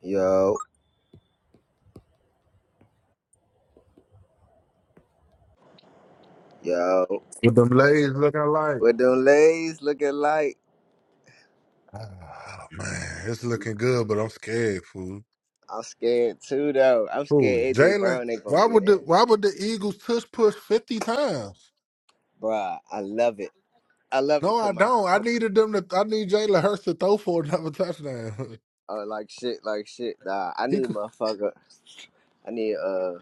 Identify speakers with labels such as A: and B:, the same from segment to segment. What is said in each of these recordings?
A: Yo, yo,
B: With them ladies looking like,
A: with them lays looking like
B: Oh, man, it's looking good, but I'm scared, fool.
A: I'm scared too though. I'm
B: Fool,
A: scared AJ
B: Jalen,
A: Brown ain't gonna
B: why
A: get
B: would the
A: in,
B: why would the Eagles tush push fifty times?
A: bruh. I love it. I love it
B: No,
A: for
B: I
A: my
B: don't. I needed them to. I need Jalen Hurts to throw for another touchdown.
A: uh, like shit, like shit. Nah, I
B: he
A: need
B: could.
A: motherfucker. I need uh,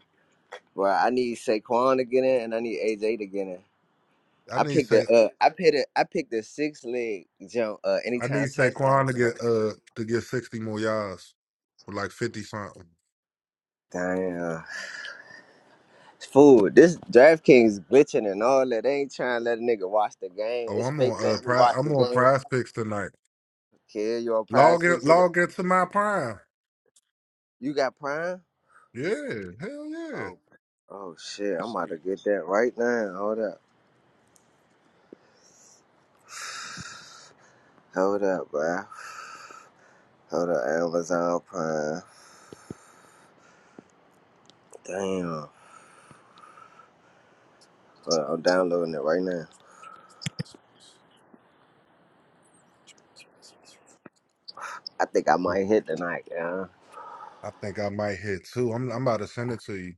A: bruh. I need Saquon to get in, and I need AJ to get in.
B: I
A: I
B: need
A: picked the
B: say.
A: uh, I picked it. I picked the six leg jump. Uh,
B: I need
A: anytime touchdown
B: Saquon to get
A: jump.
B: uh to get sixty more yards with like fifty something.
A: Damn, fool. This DraftKings glitching and all that. They ain't trying to let a nigga watch the game.
B: Oh,
A: It's
B: I'm
A: fake.
B: on uh
A: Let me
B: pri
A: watch the
B: I'm on
A: game.
B: Prize Picks tonight.
A: Kid, you on Prime
B: Log in,
A: Speaks with it?
B: log into my Prime.
A: You got Prime?
B: Yeah, hell
A: Oh, oh shit! I'm about to
B: yeah.
A: get that right now. Hold up, hold up, bro. Hold up, Amazon Prime. Damn, Hold up, I'm downloading it right now. I think I might hit tonight, yeah.
B: I think I might hit two. I'm I'm about to send it to you,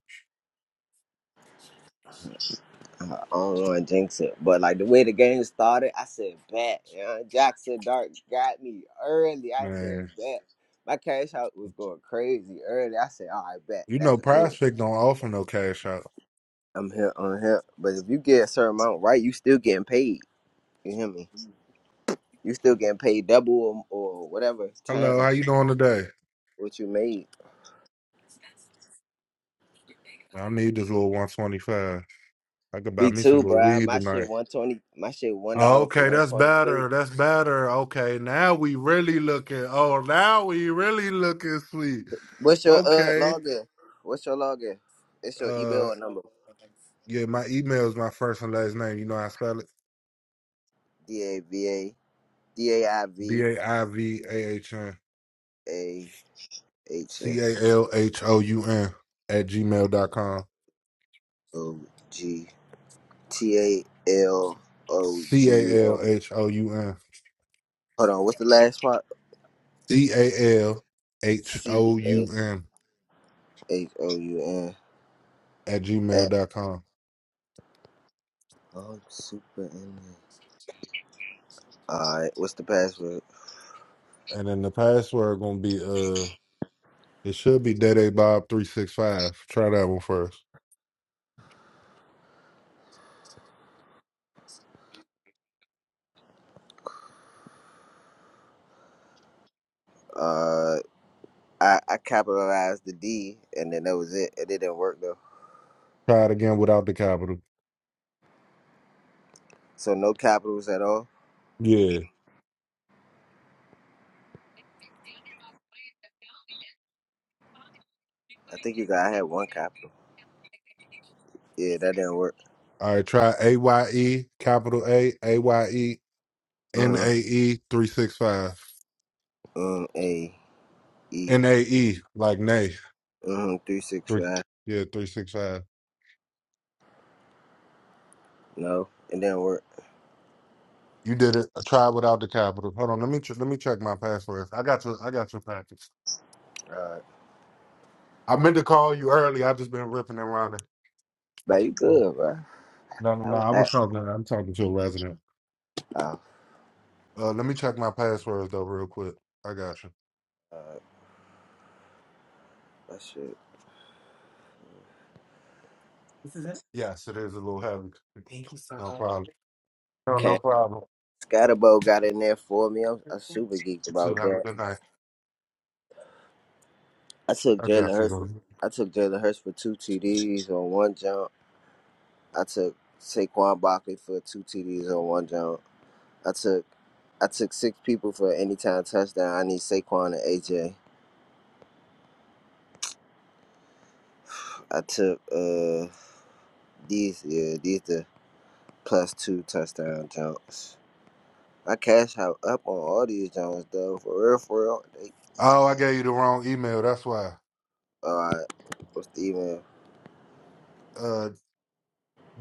A: I don't want to jinx it, but like the way the game started, I said bet. Yeah, Jackson Dark got me early. I said
B: man.
A: bet. My cash out was going crazy early. I said, all right, bet.
B: You know,
A: That's good.
B: Prize Pick don't offer no cash out.
A: I'm here on him. But if you get a certain amount right, you still getting paid. You hear me? You still getting paid double or, or whatever
B: Hello, how
A: times
B: you doing today?
A: what you made.
B: I need this little 125. I could buy
A: B
B: me
A: two,
B: some little
A: bro.
B: weed
A: My
B: tonight.
A: shit one twenty. My shit one dollar for
B: Okay,
A: one
B: that's
A: twenty three.
B: better. That's better. Okay, now we really looking. Oh, now we really looking sweet.
A: What's your uh
B: Okay.
A: login? What's your login? It's your
B: Uh,
A: email or number.
B: yeah, my email is my first and last name. You know how I spell it?
A: D A V A D A I
B: B
A: V
B: A I V A H N
A: A H
B: C
A: S
B: A L H O U N at gmail dot com.
A: O G T A L O
B: C
A: G
B: A
A: U
B: L
A: M.
B: H O U M.
A: Hold on. What's the last part?
B: C A L H
A: C
B: O
A: A
B: U M
A: H O U
B: at
A: N.
B: gmail dot com,
A: Oh, super in there. Alright, what's the password?
B: And then the password gonna be uh it should be Dede Bob three six five. Try that one first.
A: Uh, I, I capitalized the D and then that was it. It didn't work though.
B: Try it again without the capital.
A: So no capitals at all?
B: Yeah.
A: I think you got, I had one capital. Yeah, that didn't work.
B: All right, try A Y E capital A A Y E N
A: Uh huh.
B: A E three six five.
A: Um, A, E.
B: N A E like nay.
A: Uh huh. Three, six,
B: Three
A: five.
B: yeah, three six five.
A: No, it didn't work.
B: You did it. Try it without the capital. Hold on, let me ch- let me check my password. I got your I got your package.
A: Alright.
B: I meant to call you early. I've just been ripping and running.
A: But you good, bro.
B: No, no,
A: I
B: no.
A: was
B: I
A: at,
B: was talking. I'm talking to a resident.
A: oh,
B: Uh, let me check my passwords though, real quick. I got you.
A: alright. That shit.
B: Yes, it is a little heavy. Thank you so No much. problem.
A: Okay. Scatterbo got in there for me. I'm, I'm super geeked
B: You
A: about
B: too. Have a
A: that.
B: good night.
A: I took
B: I
A: Jalen
B: got you.
A: Hurts.
B: Bro.
A: I took Jalen Hurts for two TDs on one jump. I took Saquon Barkley for two TDs on one jump. I took I took six people for anytime touchdown. I need Saquon and AJ. I took uh these yeah these the plus two touchdown jumps. I cash out up on all these jumps though for real for real. They
B: Oh, I gave you the wrong email. That's why.
A: all right. What's the email?
B: Uh,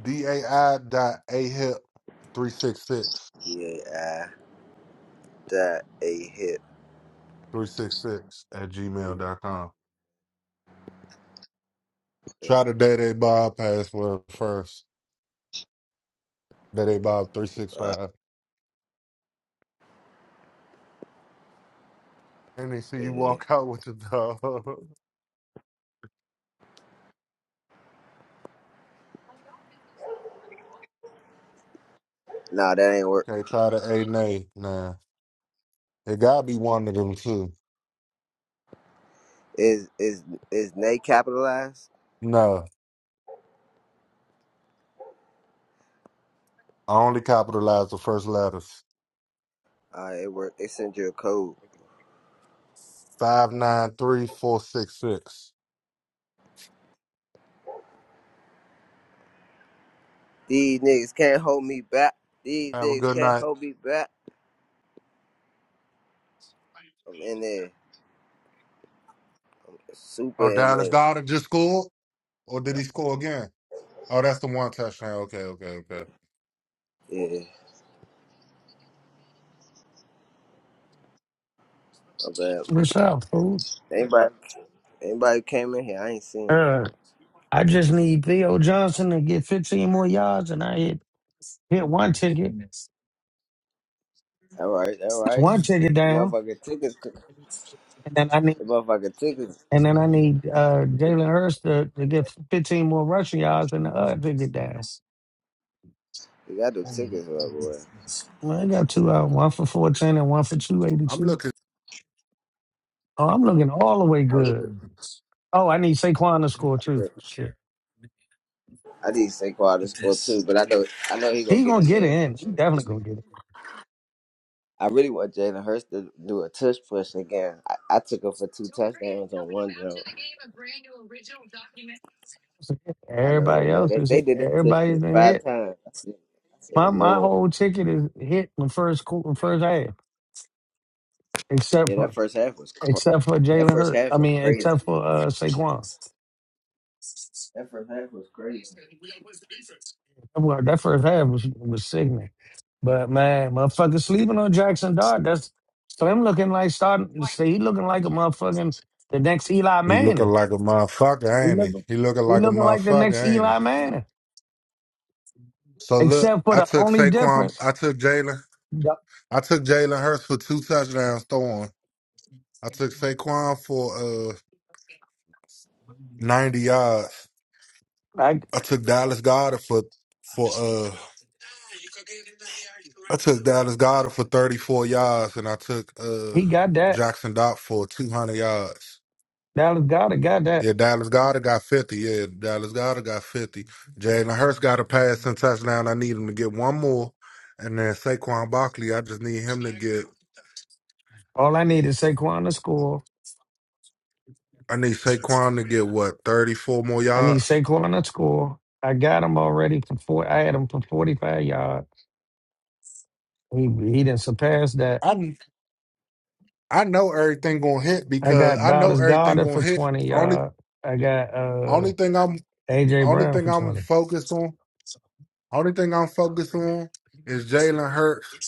B: dai dot ahip three six six
A: Yeah, I that a hit.
B: three six six at
A: Uh,
B: gmail dot com.
A: yeah.
B: Try the day they Bob password first. Day they Bob three six
A: all
B: five, and they see you
A: right.
B: walk out with the dog.
A: Nah, that ain't work.
B: Can't try the A nay. Nah. It gotta be one of them two.
A: Is is is Nate capitalized?
B: No. I only capitalize the first letters.
A: All right, it worked. They send you a code.
B: Five nine three four six six.
A: These niggas can't hold me back. These
B: Have a
A: niggas
B: good
A: can't
B: night.
A: hold me back. I'm in there. Super
B: Oh,
A: in
B: Dallas
A: there.
B: Goddard just scored? Or did he score again? Oh, that's the one touchdown. Okay, okay, okay.
A: Yeah. My bad.
C: What's up, fool?
A: Anybody, anybody came in here, I ain't seen them.
C: Uh, I just need Theo Johnson to get 15 more yards, and I hit, hit one ticket. It's
A: All right, all right.
C: one ticket
A: The
C: down,
A: motherfucking tickets.
C: and then I need
A: The motherfucking tickets.
C: and then I need uh, Jalen Hurst to, to get 15 more rushing yards and the other ticket down.
A: You got the tickets, my boy.
C: Well, I got two out, one for 14 and one for
B: I'm
C: 282.
B: looking
C: Oh, I'm looking all the way
A: I'm looking.
C: good.
A: I'm
C: Oh, I need Saquon to score too.
A: looking.
C: Shit,
A: I need Saquon to score too, but I know I know he gonna
C: he
A: get
C: gonna
A: in
C: get it
A: there
C: in. He
A: eventually.
C: definitely gonna get it.
A: I really want Jalen Hurst to do a touch push again. I, I took him for two touchdowns on one jump. I know they
C: Everybody
A: let
C: else
A: it.
C: is
A: They
C: hit.
A: did that to us for
C: Everybody's been
A: five
C: hit.
A: times. I said, I said,
C: My my
A: Lord,
C: whole ticket is hit in the first quarter, first half,
A: yeah,
C: except
A: that
C: for
A: first half was cra-
C: except for
A: that
C: Jalen
A: first
C: Hurt.
A: half
C: I
A: was
C: mean,
A: crazy.
C: except for uh, Saquon.
A: That first half was crazy.
C: Well, that first half was was sickening. But man, motherfucker sleeping on Jackson Dart. That's so him looking like starting. See, he looking like a motherfucking the next Eli
B: He looking
C: Manning.
B: like a
C: He
B: motherfucker, ain't he?
C: looking
B: He looking
C: he
B: like a
C: looking like the next
B: motherfucker, ain't
C: Eli
B: he?
C: Manning.
B: So look,
C: Except for
B: I
C: the
B: took
C: only
B: Saquon
C: difference,
B: I took Jalen
C: the-
B: I took Jalen Hurts for two touchdowns throwing. I took Saquon for uh ninety yards.
C: like
B: I took Dallas Goddard for for uh I took Dallas Goddard for thirty four yards and I took uh
C: he got that
B: Jackson Dot for two hundred yards.
C: Dallas got it, got that.
B: Yeah, Dallas Goddard got fifty. Yeah, Dallas Goddard got fifty. Jalen Hurst got a pass and touchdown. I need him to get one more. And then Saquon Barkley, I just need him to get
C: All I need is Saquon to score.
B: I need Saquon to get what, thirty four more
C: I need
B: yards?
C: Saquon to score. I got him already for four. I had him for forty-five yards. He he didn't surpass that.
B: I I know everything gonna hit
C: I
B: because
C: got
B: I know
C: Dallas
B: everything
C: Goddard
B: gonna
C: for
B: hit.
C: twenty
B: Only
C: yards. I got uh
B: only thing I'm
C: AJ
B: only
C: Brown
B: thing
C: for
B: I'm
C: twenty.
B: focused on Only thing I'm focused on is Jalen Hurts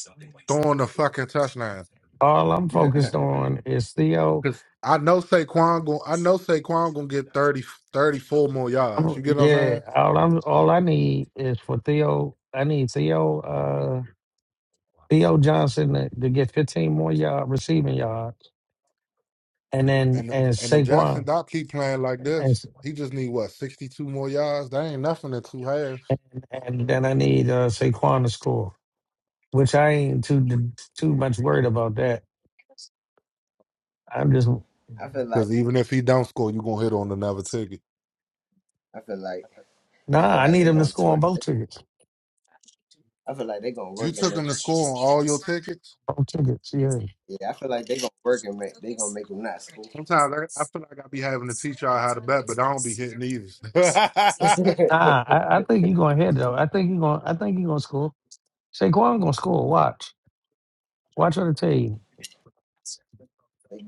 B: throwing the fucking touchdown.
C: All I'm
A: I
C: focused on is Theo.
B: Cause I know Saquon going I know Saquon gonna get 30 34 more yards.
C: I'm-
B: You get what I'm
C: yeah,
B: saying?
C: all I'm all I need is for Theo. I need Theo uh Theo Johnson to, to get 15 more yard receiving yards, and then
B: And
C: and
B: and if
C: Saquon.
B: Jackson Dock keep playing like
C: and
B: this, he just need what, sixty two more yards? That ain't nothing in two halves.
C: and then I need uh, Saquon to score, which I ain't too too much worried about that. I'm just
A: feel like
B: Cause even if he don't score, you gonna hit on another ticket.
A: I feel like I
C: nah.
A: feel
C: I
A: like
C: need
A: they
C: him to
A: gonna
C: score
A: twerk.
C: on both
A: They,
C: tickets.
A: I feel like they gonna
B: You
A: work and
B: took
A: make.
B: him to
A: sure-
B: score on all your tickets.
C: Both tickets, yeah.
A: Yeah, I feel like they gonna work and make. They gonna make them not school.
B: Sometimes I, I feel like I be having to teach y'all how to bet, but I don't be hitting either.
A: they get
C: Nah, I, I think you're gonna hit though. I think you're gonna. I think you're gonna score. Saquon gonna score. Watch. Watch what I tell you.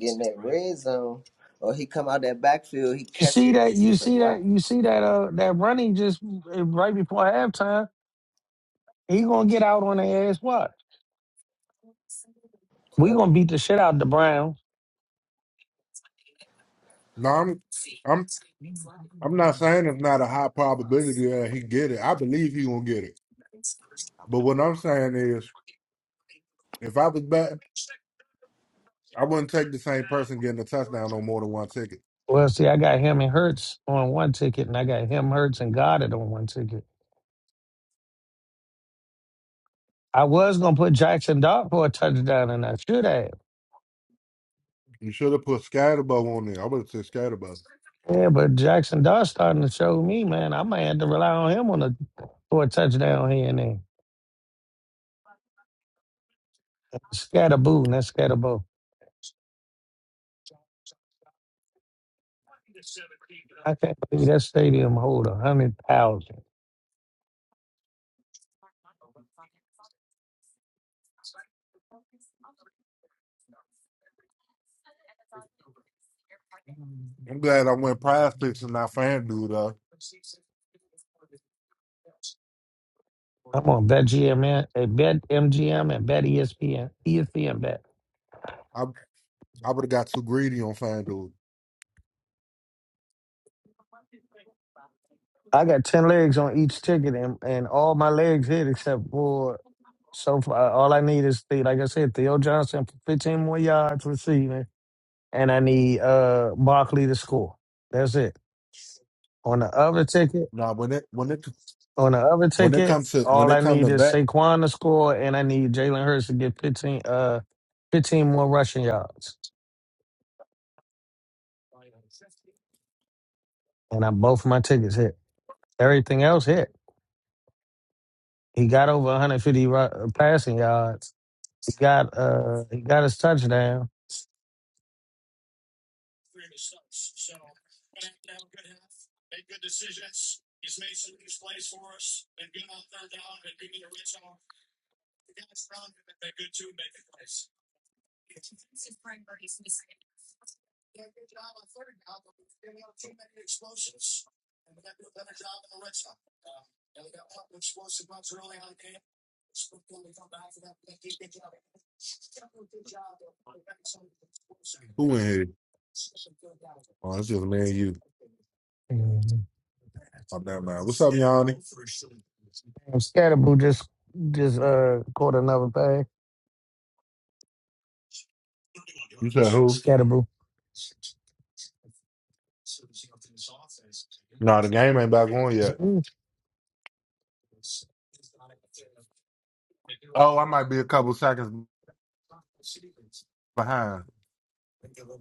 A: in that red zone, or he come out that backfield, he
C: You
A: catch
C: see
A: it.
C: that? You
A: It's a
C: see that?
A: rock.
C: You see that? Uh, that running just uh, right before halftime. He gonna get out on the ass. Watch. We gonna beat the shit out of the Browns.
B: no, I'm I'm I'm not saying it's not a high probability that he get it. I believe he gonna get it. But what I'm saying is, if I was betting, I wouldn't take the same person getting a touchdown on more than one ticket.
C: Well, see, I got him and Hurts on one ticket, and I got him, Hurts, and Goddard on one ticket. I was gonna put Jackson Dart for a touchdown, and I should have.
B: You should have put Scatterbo on there. I would have said Scatterbo.
C: Yeah, but Jackson Dart starting to show me, man. I might have to rely on him on a for a touchdown here and there. Scatterboo, not scatterbo. I can't believe that stadium hold a hundred thousand.
B: I'm glad I went Prize Picks and not FanDuel though.
C: I'm on BetGM, and- uh, Bet MGM, and Bet ESPN, ESPN Bet.
B: I I would have got too greedy on FanDuel.
C: I got ten legs on each ticket, and, and all my legs hit except for so far. uh, All I need is the like I said, Theo Johnson for fifteen more yards receiving, and I need uh Barkley to score. That's it. On the other ticket,
B: Now when it when it
C: on the other
B: when it
C: ticket,
B: comes to when
C: all
B: it
C: I
B: comes
C: need
B: to
C: is
B: bet,
C: Saquon to score, and I need Jalen Hurts to get fifteen uh fifteen more rushing yards, and I both my tickets hit. Everything else hit. He got over 150 ru- uh, passing yards. He got uh he got his touchdown.
B: who in here? Oh, it's just me and you.
C: Mhm.
B: Oh, never mind. What's up, Yanni?
C: And Scatterboo just just uh caught another thing.
B: You said who?
C: Scatterboo.
B: No, the game ain't back on yet. Oh, I might be a couple seconds behind.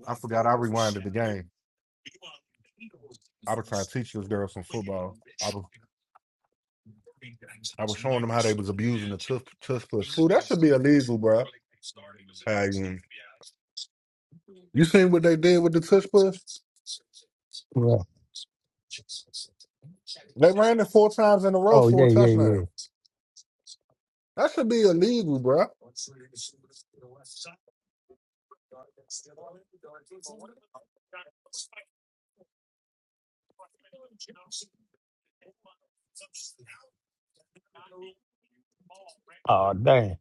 B: I forgot I rewinded the game. I was trying to teach this girl some football. I was I was showing them how they was abusing the tush, tush push. Fool, that should be illegal, bro. you seen what they did with the tush push?
C: Yeah.
B: They ran it four times in a row
C: Oh
B: for
C: yeah,
B: a
C: yeah,
B: touchdown.
C: yeah.
B: That should be illegal, bro.
C: Oh dang.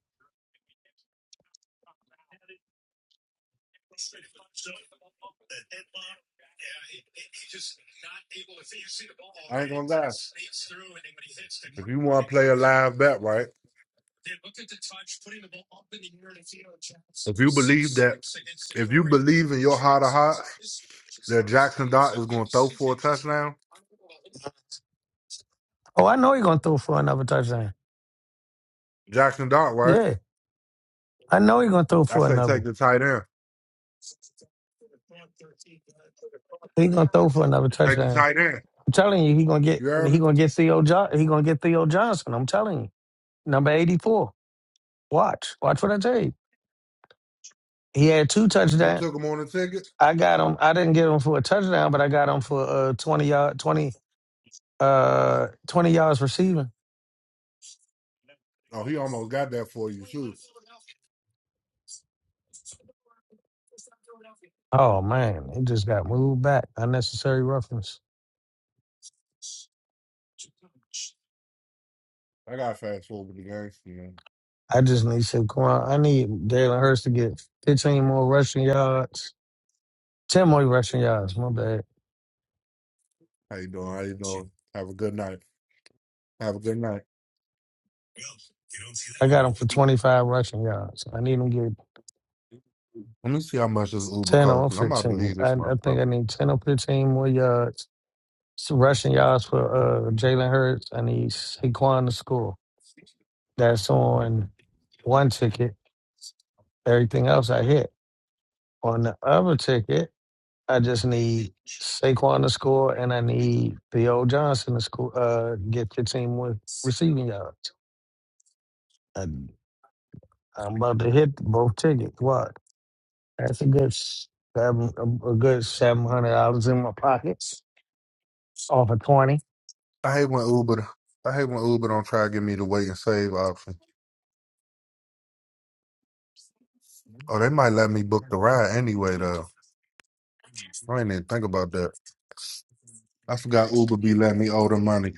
B: I ain't gonna lie. If you want to play a live bet, right? If you believe that, if you believe in your heart of hearts that Jackson Dart is going to throw for a touchdown.
C: Oh, I know he' gonna throw for another touchdown.
B: Jackson Dart, right?
C: Yeah, I know he' gonna throw
B: I
C: for
B: say
C: another.
B: take the tight end.
C: He' gonna throw for another
B: Take the
C: touchdown.
B: tight end.
C: I'm telling you, he gonna get
B: You
C: and
B: heard
C: he
B: me?
C: gonna get Theo jo- he gonna get Theo Johnson. I'm telling you, number eighty four. Watch, watch what I tell you. He had two
B: You
C: touchdowns.
B: took him on the ticket?
C: I got him. I didn't get him for a touchdown, but I got him for uh twenty yard twenty uh twenty yards receiving.
B: Oh, he almost got that for you. Shoot.
C: Oh man, it just got moved back. Unnecessary roughness.
B: I got to fast forward the game. You know,
C: I just need to come on. I need Jalen Hurts to get 15 more rushing yards. 10 more rushing yards, my bad.
B: how you doing? How you doing? Have a good night. Have a good night.
C: I got him for 25 rushing yards. I need him to get
B: Let me see how much this Uber
C: 10
B: costs.
C: or
B: 'cause I'm about to
C: 15.
B: leave
C: I,
B: this
C: I think
B: motherfucker.
C: I need 10 or 15 more yards. Some rushing yards for uh, Jalen Hurts. I need Saquon to score. That's on one ticket. Everything else I hit. On the other ticket, I just need Saquon to score, and I need Theo Johnson to score. Uh, get your team with receiving yards. And I'm about to hit both tickets. What? That's a good s- seven, a, a good seven hundred dollars in my pockets off of twenty.
B: I hate when Uber. I hate when Uber don't try to give me the wait and save option. Oh, they might let me book the ride anyway though. I didn't even think about that. I forgot Uber be letting me owe them money.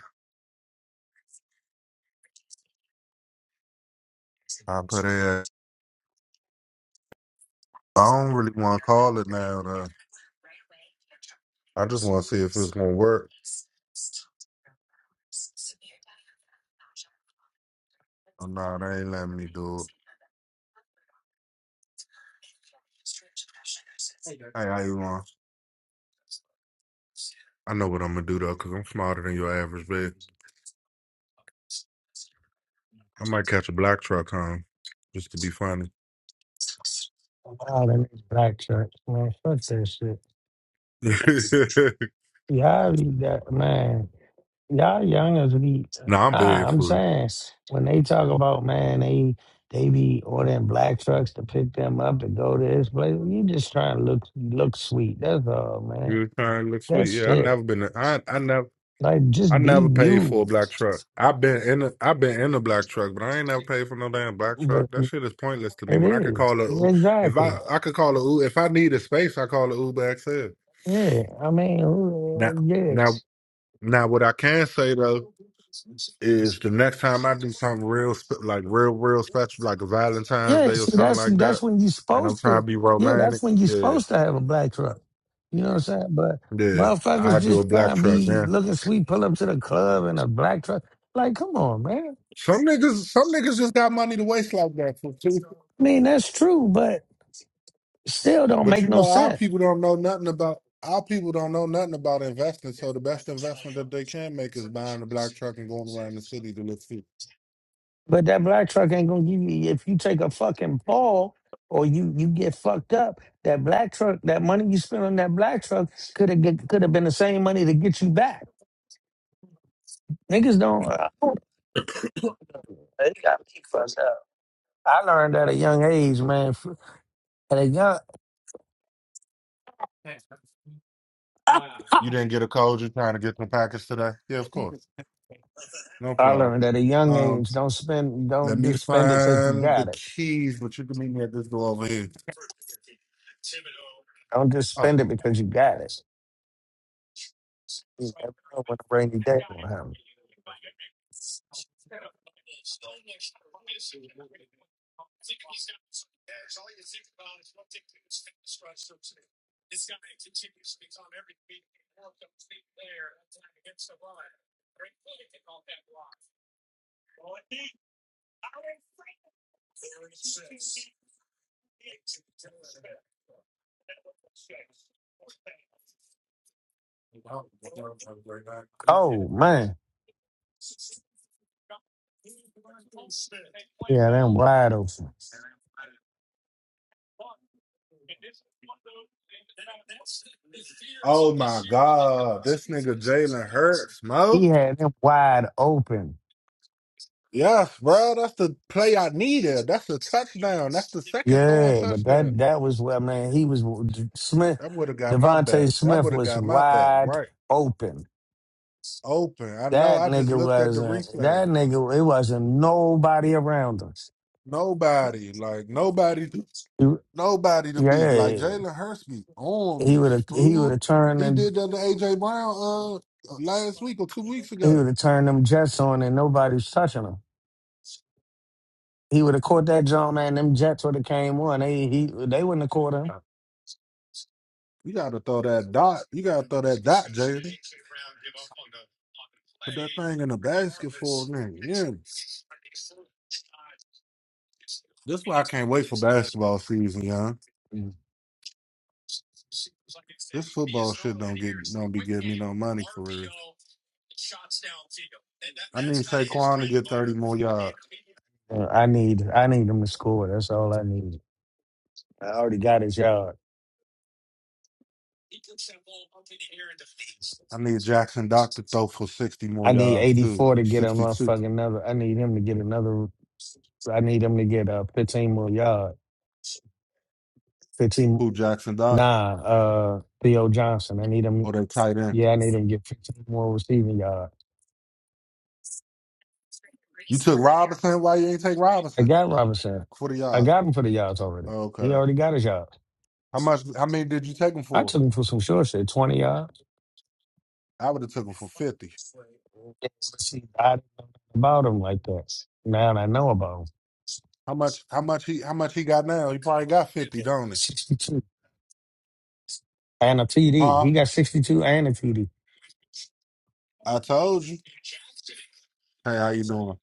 B: I put it. I don't really want to call it now. Though. I just want to see if it's gonna work. Oh, nah, they ain't letting me do it. Hey, how you want? I know what I'm gonna do though, cause I'm smarter than your average bitch. I might catch a black truck home just to be funny.
C: Wow, that nigga black shirt, man. Fuck that shit.
B: nah,
C: Yeah, I read that man. Y'all youngers be
B: I'm
C: ah,
B: bad
C: I'm
B: food.
C: saying when they talk about man, they they be ordering black trucks to pick them up and go to this place. You just trying to look look sweet. That's all, man.
B: You trying to look sweet?
C: That's
B: Yeah, I
C: it.
B: never been. I I never.
C: Like
B: I
C: just be
B: never paid
C: you.
B: for a black truck. I've been in a, I've been in a black truck, but I ain't never paid for no damn black
C: But
B: truck. That shit is pointless to me.
C: it
B: When I could
C: is
B: call a U- if I
C: exactly.
B: I could call a U- if I need a space, I call a Uber XL.
C: Yeah, I mean, who-
B: Now
C: yeah.
B: now now what I can say though is the next time I do something real spe- like real real special like a Valentine's
C: Yeah,
B: Day or
C: see,
B: something
C: that's
B: like that,
C: that's when you're
B: and I'm
C: supposed
B: trying to
C: to.
B: be
C: Yeah,
B: romantic,
C: that's when you're
B: yeah
C: supposed to have a black truck. You know what I'm saying? But
B: yeah,
C: motherfuckers
B: I do a
C: just try
B: black
C: to
B: truck.
C: be
B: Yeah,
C: looking sweet, pull up to the club in a black truck. Like, come on, man.
B: some niggas some niggas just got money to waste like that.
C: I mean, that's true, but still don't
B: But
C: make
B: you
C: no
B: know, our
C: sense.
B: people don't know nothing about our people don't know nothing about investing. So the best investment that they can make is buying a black truck and going around the city to look for.
C: But that black truck ain't gonna give you if you take a fucking fall or you you get fucked up. That black truck, that money you spent on that black truck could have could have been the same money to get you back. Niggas don't. Uh, they got me fucked up. I learned at a young age, man. f- At a young,
B: You didn't get a code. You're trying to get the package today. Yeah, of course, no
C: I
B: problem.
C: learned at a young
B: Um,
C: age, don't spend,
B: let
C: don't
B: me
C: just spend it because you
B: find the
C: got it.
B: keys, but you can meet me at this door over here.
C: Don't just
B: Oh,
C: spend it because you got it. You never know when a rainy day will happen. Oh man, yeah, them wide open.
B: oh my God, this nigga Jalen Hurts, Mo.
C: He had them wide open.
B: Yes, bro, that's the play I needed. That's the touchdown. That's the second throwing
C: Yeah, but
B: touchdown.
C: that that was where man, he was Smith.
B: That would have got my bet.
C: Devontae
B: That
C: Smith
B: would have
C: was
B: got my bet
C: wide
B: right.
C: open.
B: open. I know.
C: That
B: I just
C: nigga
B: looked at the
C: wasn't.
B: replay.
C: That nigga, it wasn't nobody around us.
B: Nobody, like nobody,
C: You-
B: nobody to beat. Like
C: Yeah.
B: Jalen Hurts be on
C: He
B: me,
C: would have he would
B: fool.
C: have turned
B: He
C: and
B: did that to AJ Brown uh last week or two weeks
C: he
B: ago.
C: would have turned them jets on and nobody's touching him. He would have caught that jump, man. Them jets would have came on. They he they wouldn't have caught him.
B: You gotta throw that dot. You gotta throw that dot, Jalen. Put that thing in the basket for a minute. Yeah. That's why I can't wait for basketball season, y'all.
C: Mm.
B: This football shit don't get don't be giving me no money for real. I need Saquon to get thirty more yards.
C: Uh, I need I need him to score. That's all I need. I already got his yard.
B: I need Jackson Dock to throw for 60 more
C: I need
B: yards,
C: eighty
B: too.
C: four to get a
B: 62.
C: motherfucking another. I need him to get another. I need him to get uh, fifteen more yards. Fifteen
B: Who, Jackson Dock?
C: Nah, uh, Theo Johnson. I need him.
B: Or they tight end?
C: Yeah, I need him to get 15 more receiving yards.
B: You took Robinson? Why you ain't take
C: I
B: Robinson?
C: got Robinson.
B: 40
C: I
B: yards.
C: got him for the yards already. He
B: Okay.
C: already got his yards.
B: How much, how many did you take him
C: I
B: for?
C: took him for some short shit, 20 yards.
B: I would have took him for 50.
C: Yes, See, I didn't know about him like that. Now I know about him.
B: How much, how much he, how much he got now? He probably got 50, don't he?
C: 62 and a TD.
B: Huh?
C: He got 62 and a TD.
B: I told you. Hey, how you doing?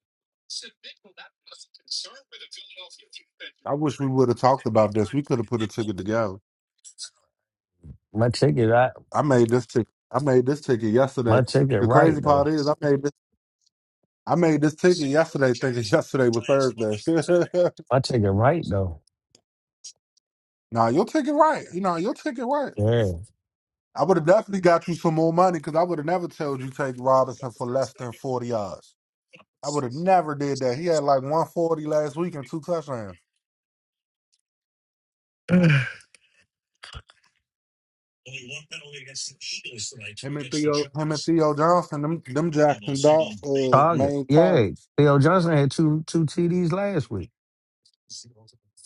B: I wish we would have talked about this. We could have put a ticket together.
C: My ticket, I,
B: I made this ticket. I made this ticket yesterday.
C: my ticket
B: The
C: right,
B: crazy
C: though.
B: part is I made this. I made this ticket yesterday thinking yesterday was Thursday.
C: My ticket right, though.
B: nah, your ticket right. You know, your ticket right.
C: Yeah.
B: I would have definitely got you some more money because I would have never told you take Robinson for less than 40 yards. I would have never did that. He had like 140 last week and two touchdowns. Him and Theo, him and Theo Johnson, them, them Jackson Darts uh,
C: Target.
B: main
C: Yeah.
B: targets
C: Theo Johnson had two two TDs last week.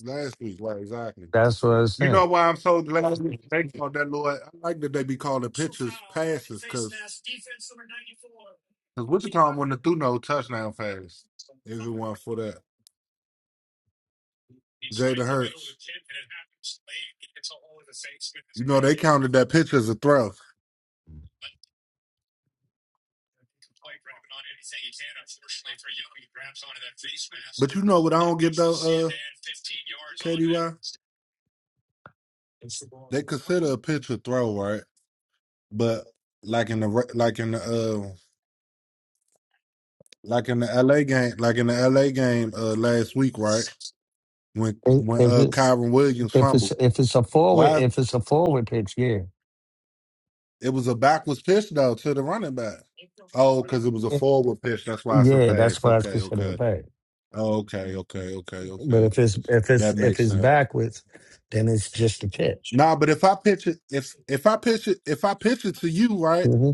B: last week. Right, exactly.
C: That's what I'm
B: You
C: saying.
B: know why I'm so glad they called that little. I like that they be calling pitches passes because. Because Wichita wouldn't have threw no touchdown pass if it weren't for that. Jalen Hurts. You know, they counted that pitch as a throw. But you know what I don't get though, uh, KDY? They consider a pitch a throw, right? But like in the re- like in the uh like in the LA game, like in the LA game uh last week, right? When
C: If
B: when
C: if
B: uh
C: it's
B: Kyron Williams
C: if it's
B: fumbled.
C: if it's a forward
B: Why
C: if it's a forward pitch, yeah.
B: it was a backwards pitch though to the running back. Oh, because it was a forward pitch. That's why it's a
C: Yeah, that's
B: pass.
C: why it's
B: Okay,
C: considered a
B: okay.
C: bag.
B: Oh, okay, okay, okay,
C: But
B: okay.
C: if it's if it's
B: That
C: if
B: makes
C: it's
B: sense.
C: backwards, then it's just a catch.
B: Nah, but if I pitch it, if if I pitch it, if I pitch it to you, right,
C: hmm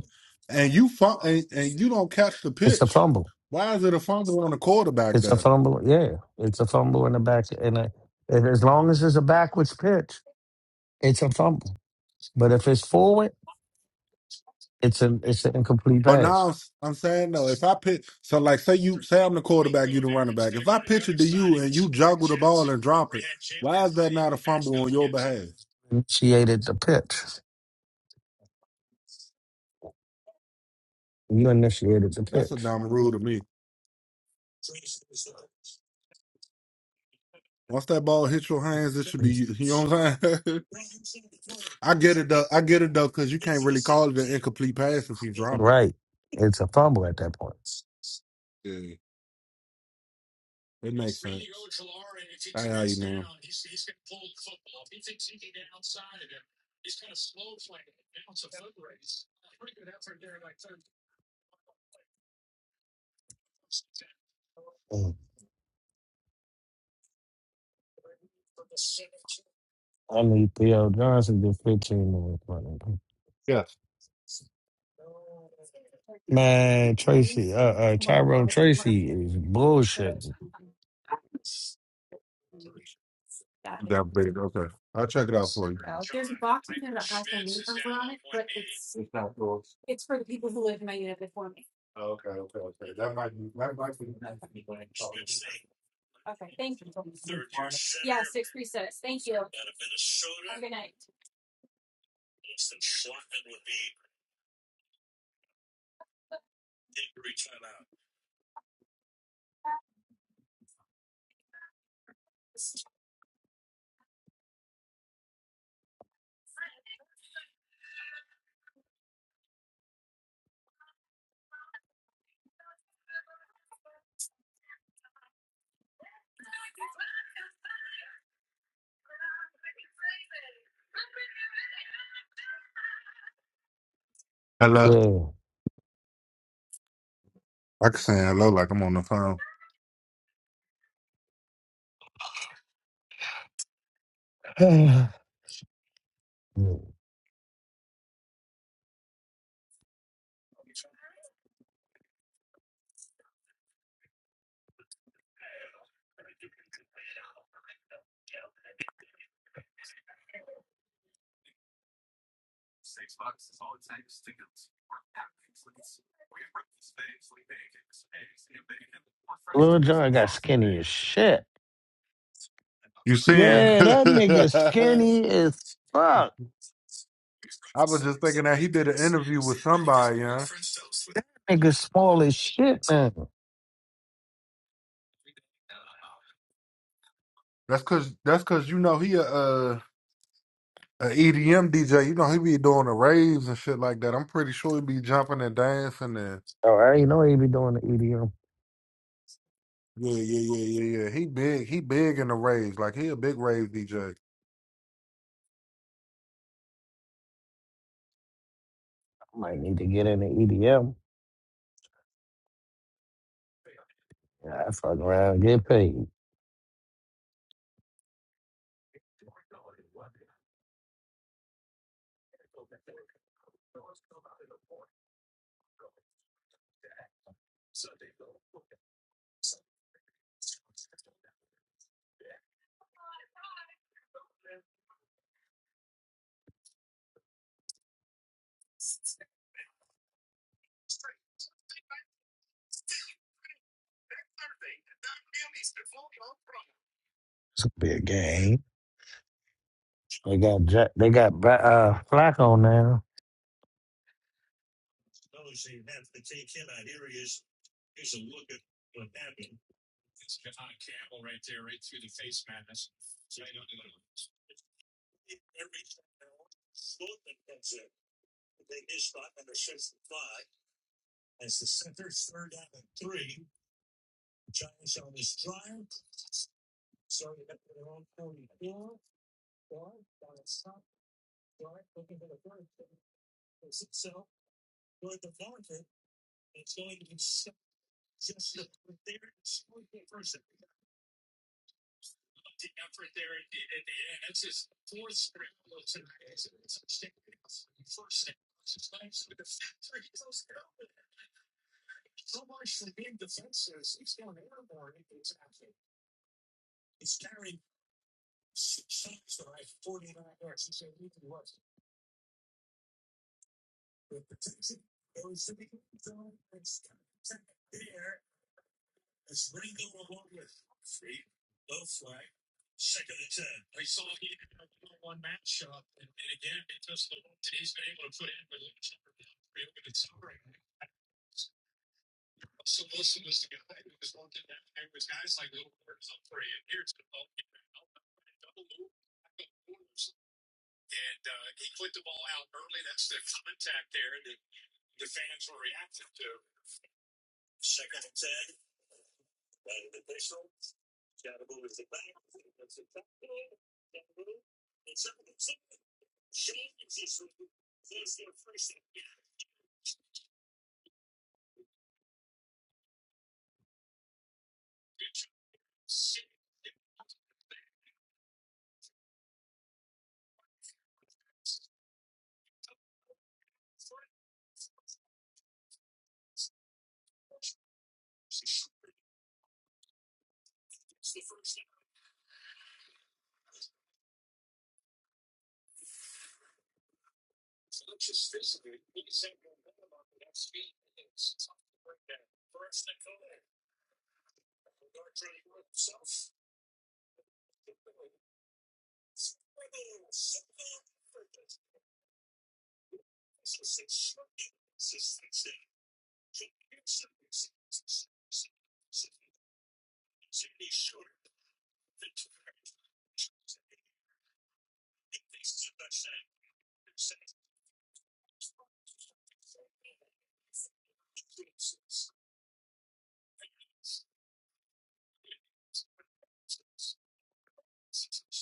B: and you fun, and, and you don't catch the
C: It's a
B: pitch,
C: fumble.
B: why is it a fumble on the quarterback
C: It's a
B: then?
C: fumble. Yeah, it's a fumble in the back. And a, and as long as it's a backwards pitch, it's a fumble. But if it's forward, it's an it's an incomplete
B: But now
C: pass.
B: I'm, s- I'm saying though, if I pitch, so like say you say I'm the quarterback, you the running back. If I pitch it to you and you juggle the ball and drop it, why is that not a fumble on your behalf?
C: Initiated the pitch. You initiated the
B: That's a
C: pitch.
B: dumb rule to me. Once that ball hits your hands, it should be you. You know what I'm saying? I get it though. I get it though, because you can't really call it an incomplete pass if you drop it.
C: Right. It's a fumble at that point.
B: Yeah. It makes sense. I how you know.
C: Mm. I need Theo Johnson to get 15 minutes.
B: Yeah,
C: Man, Tracy, uh, uh, Tyrone Tracy is bullshit.
B: it. that big. Okay, I'll check it out for you. Hello.
C: Yeah.
B: I can say hello like I'm on the phone.
C: Lil John got skinny as shit.
B: You seeing?
C: Yeah, that nigga skinny as fuck.
B: I was just thinking that he did an interview with somebody. Yeah,
C: Nigga small as shit now.
B: that's cause that's cause you know he a, a, a EDM DJ. You know he be doing the raves and shit like that. I'm pretty sure he be jumping and dancing and
C: All right, you know he be doing the EDM.
B: yeah, yeah, yeah, yeah, yeah. He big. He big in the raves. Like he a big rave DJ.
C: I might need to get in the EDM. Yeah, I fuck around, get paid. It's a big game. They got Jack, they got Ba- uh, Flacco now.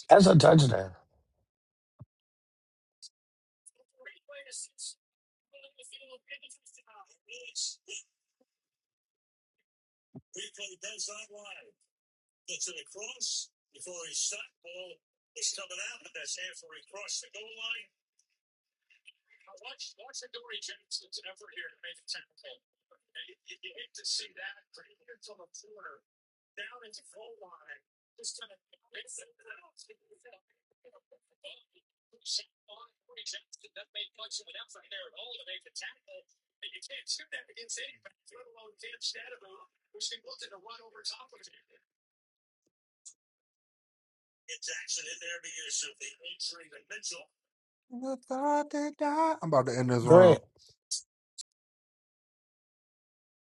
C: That's a touchdown.
B: I'm about to end this
C: Go
B: round.
C: ahead.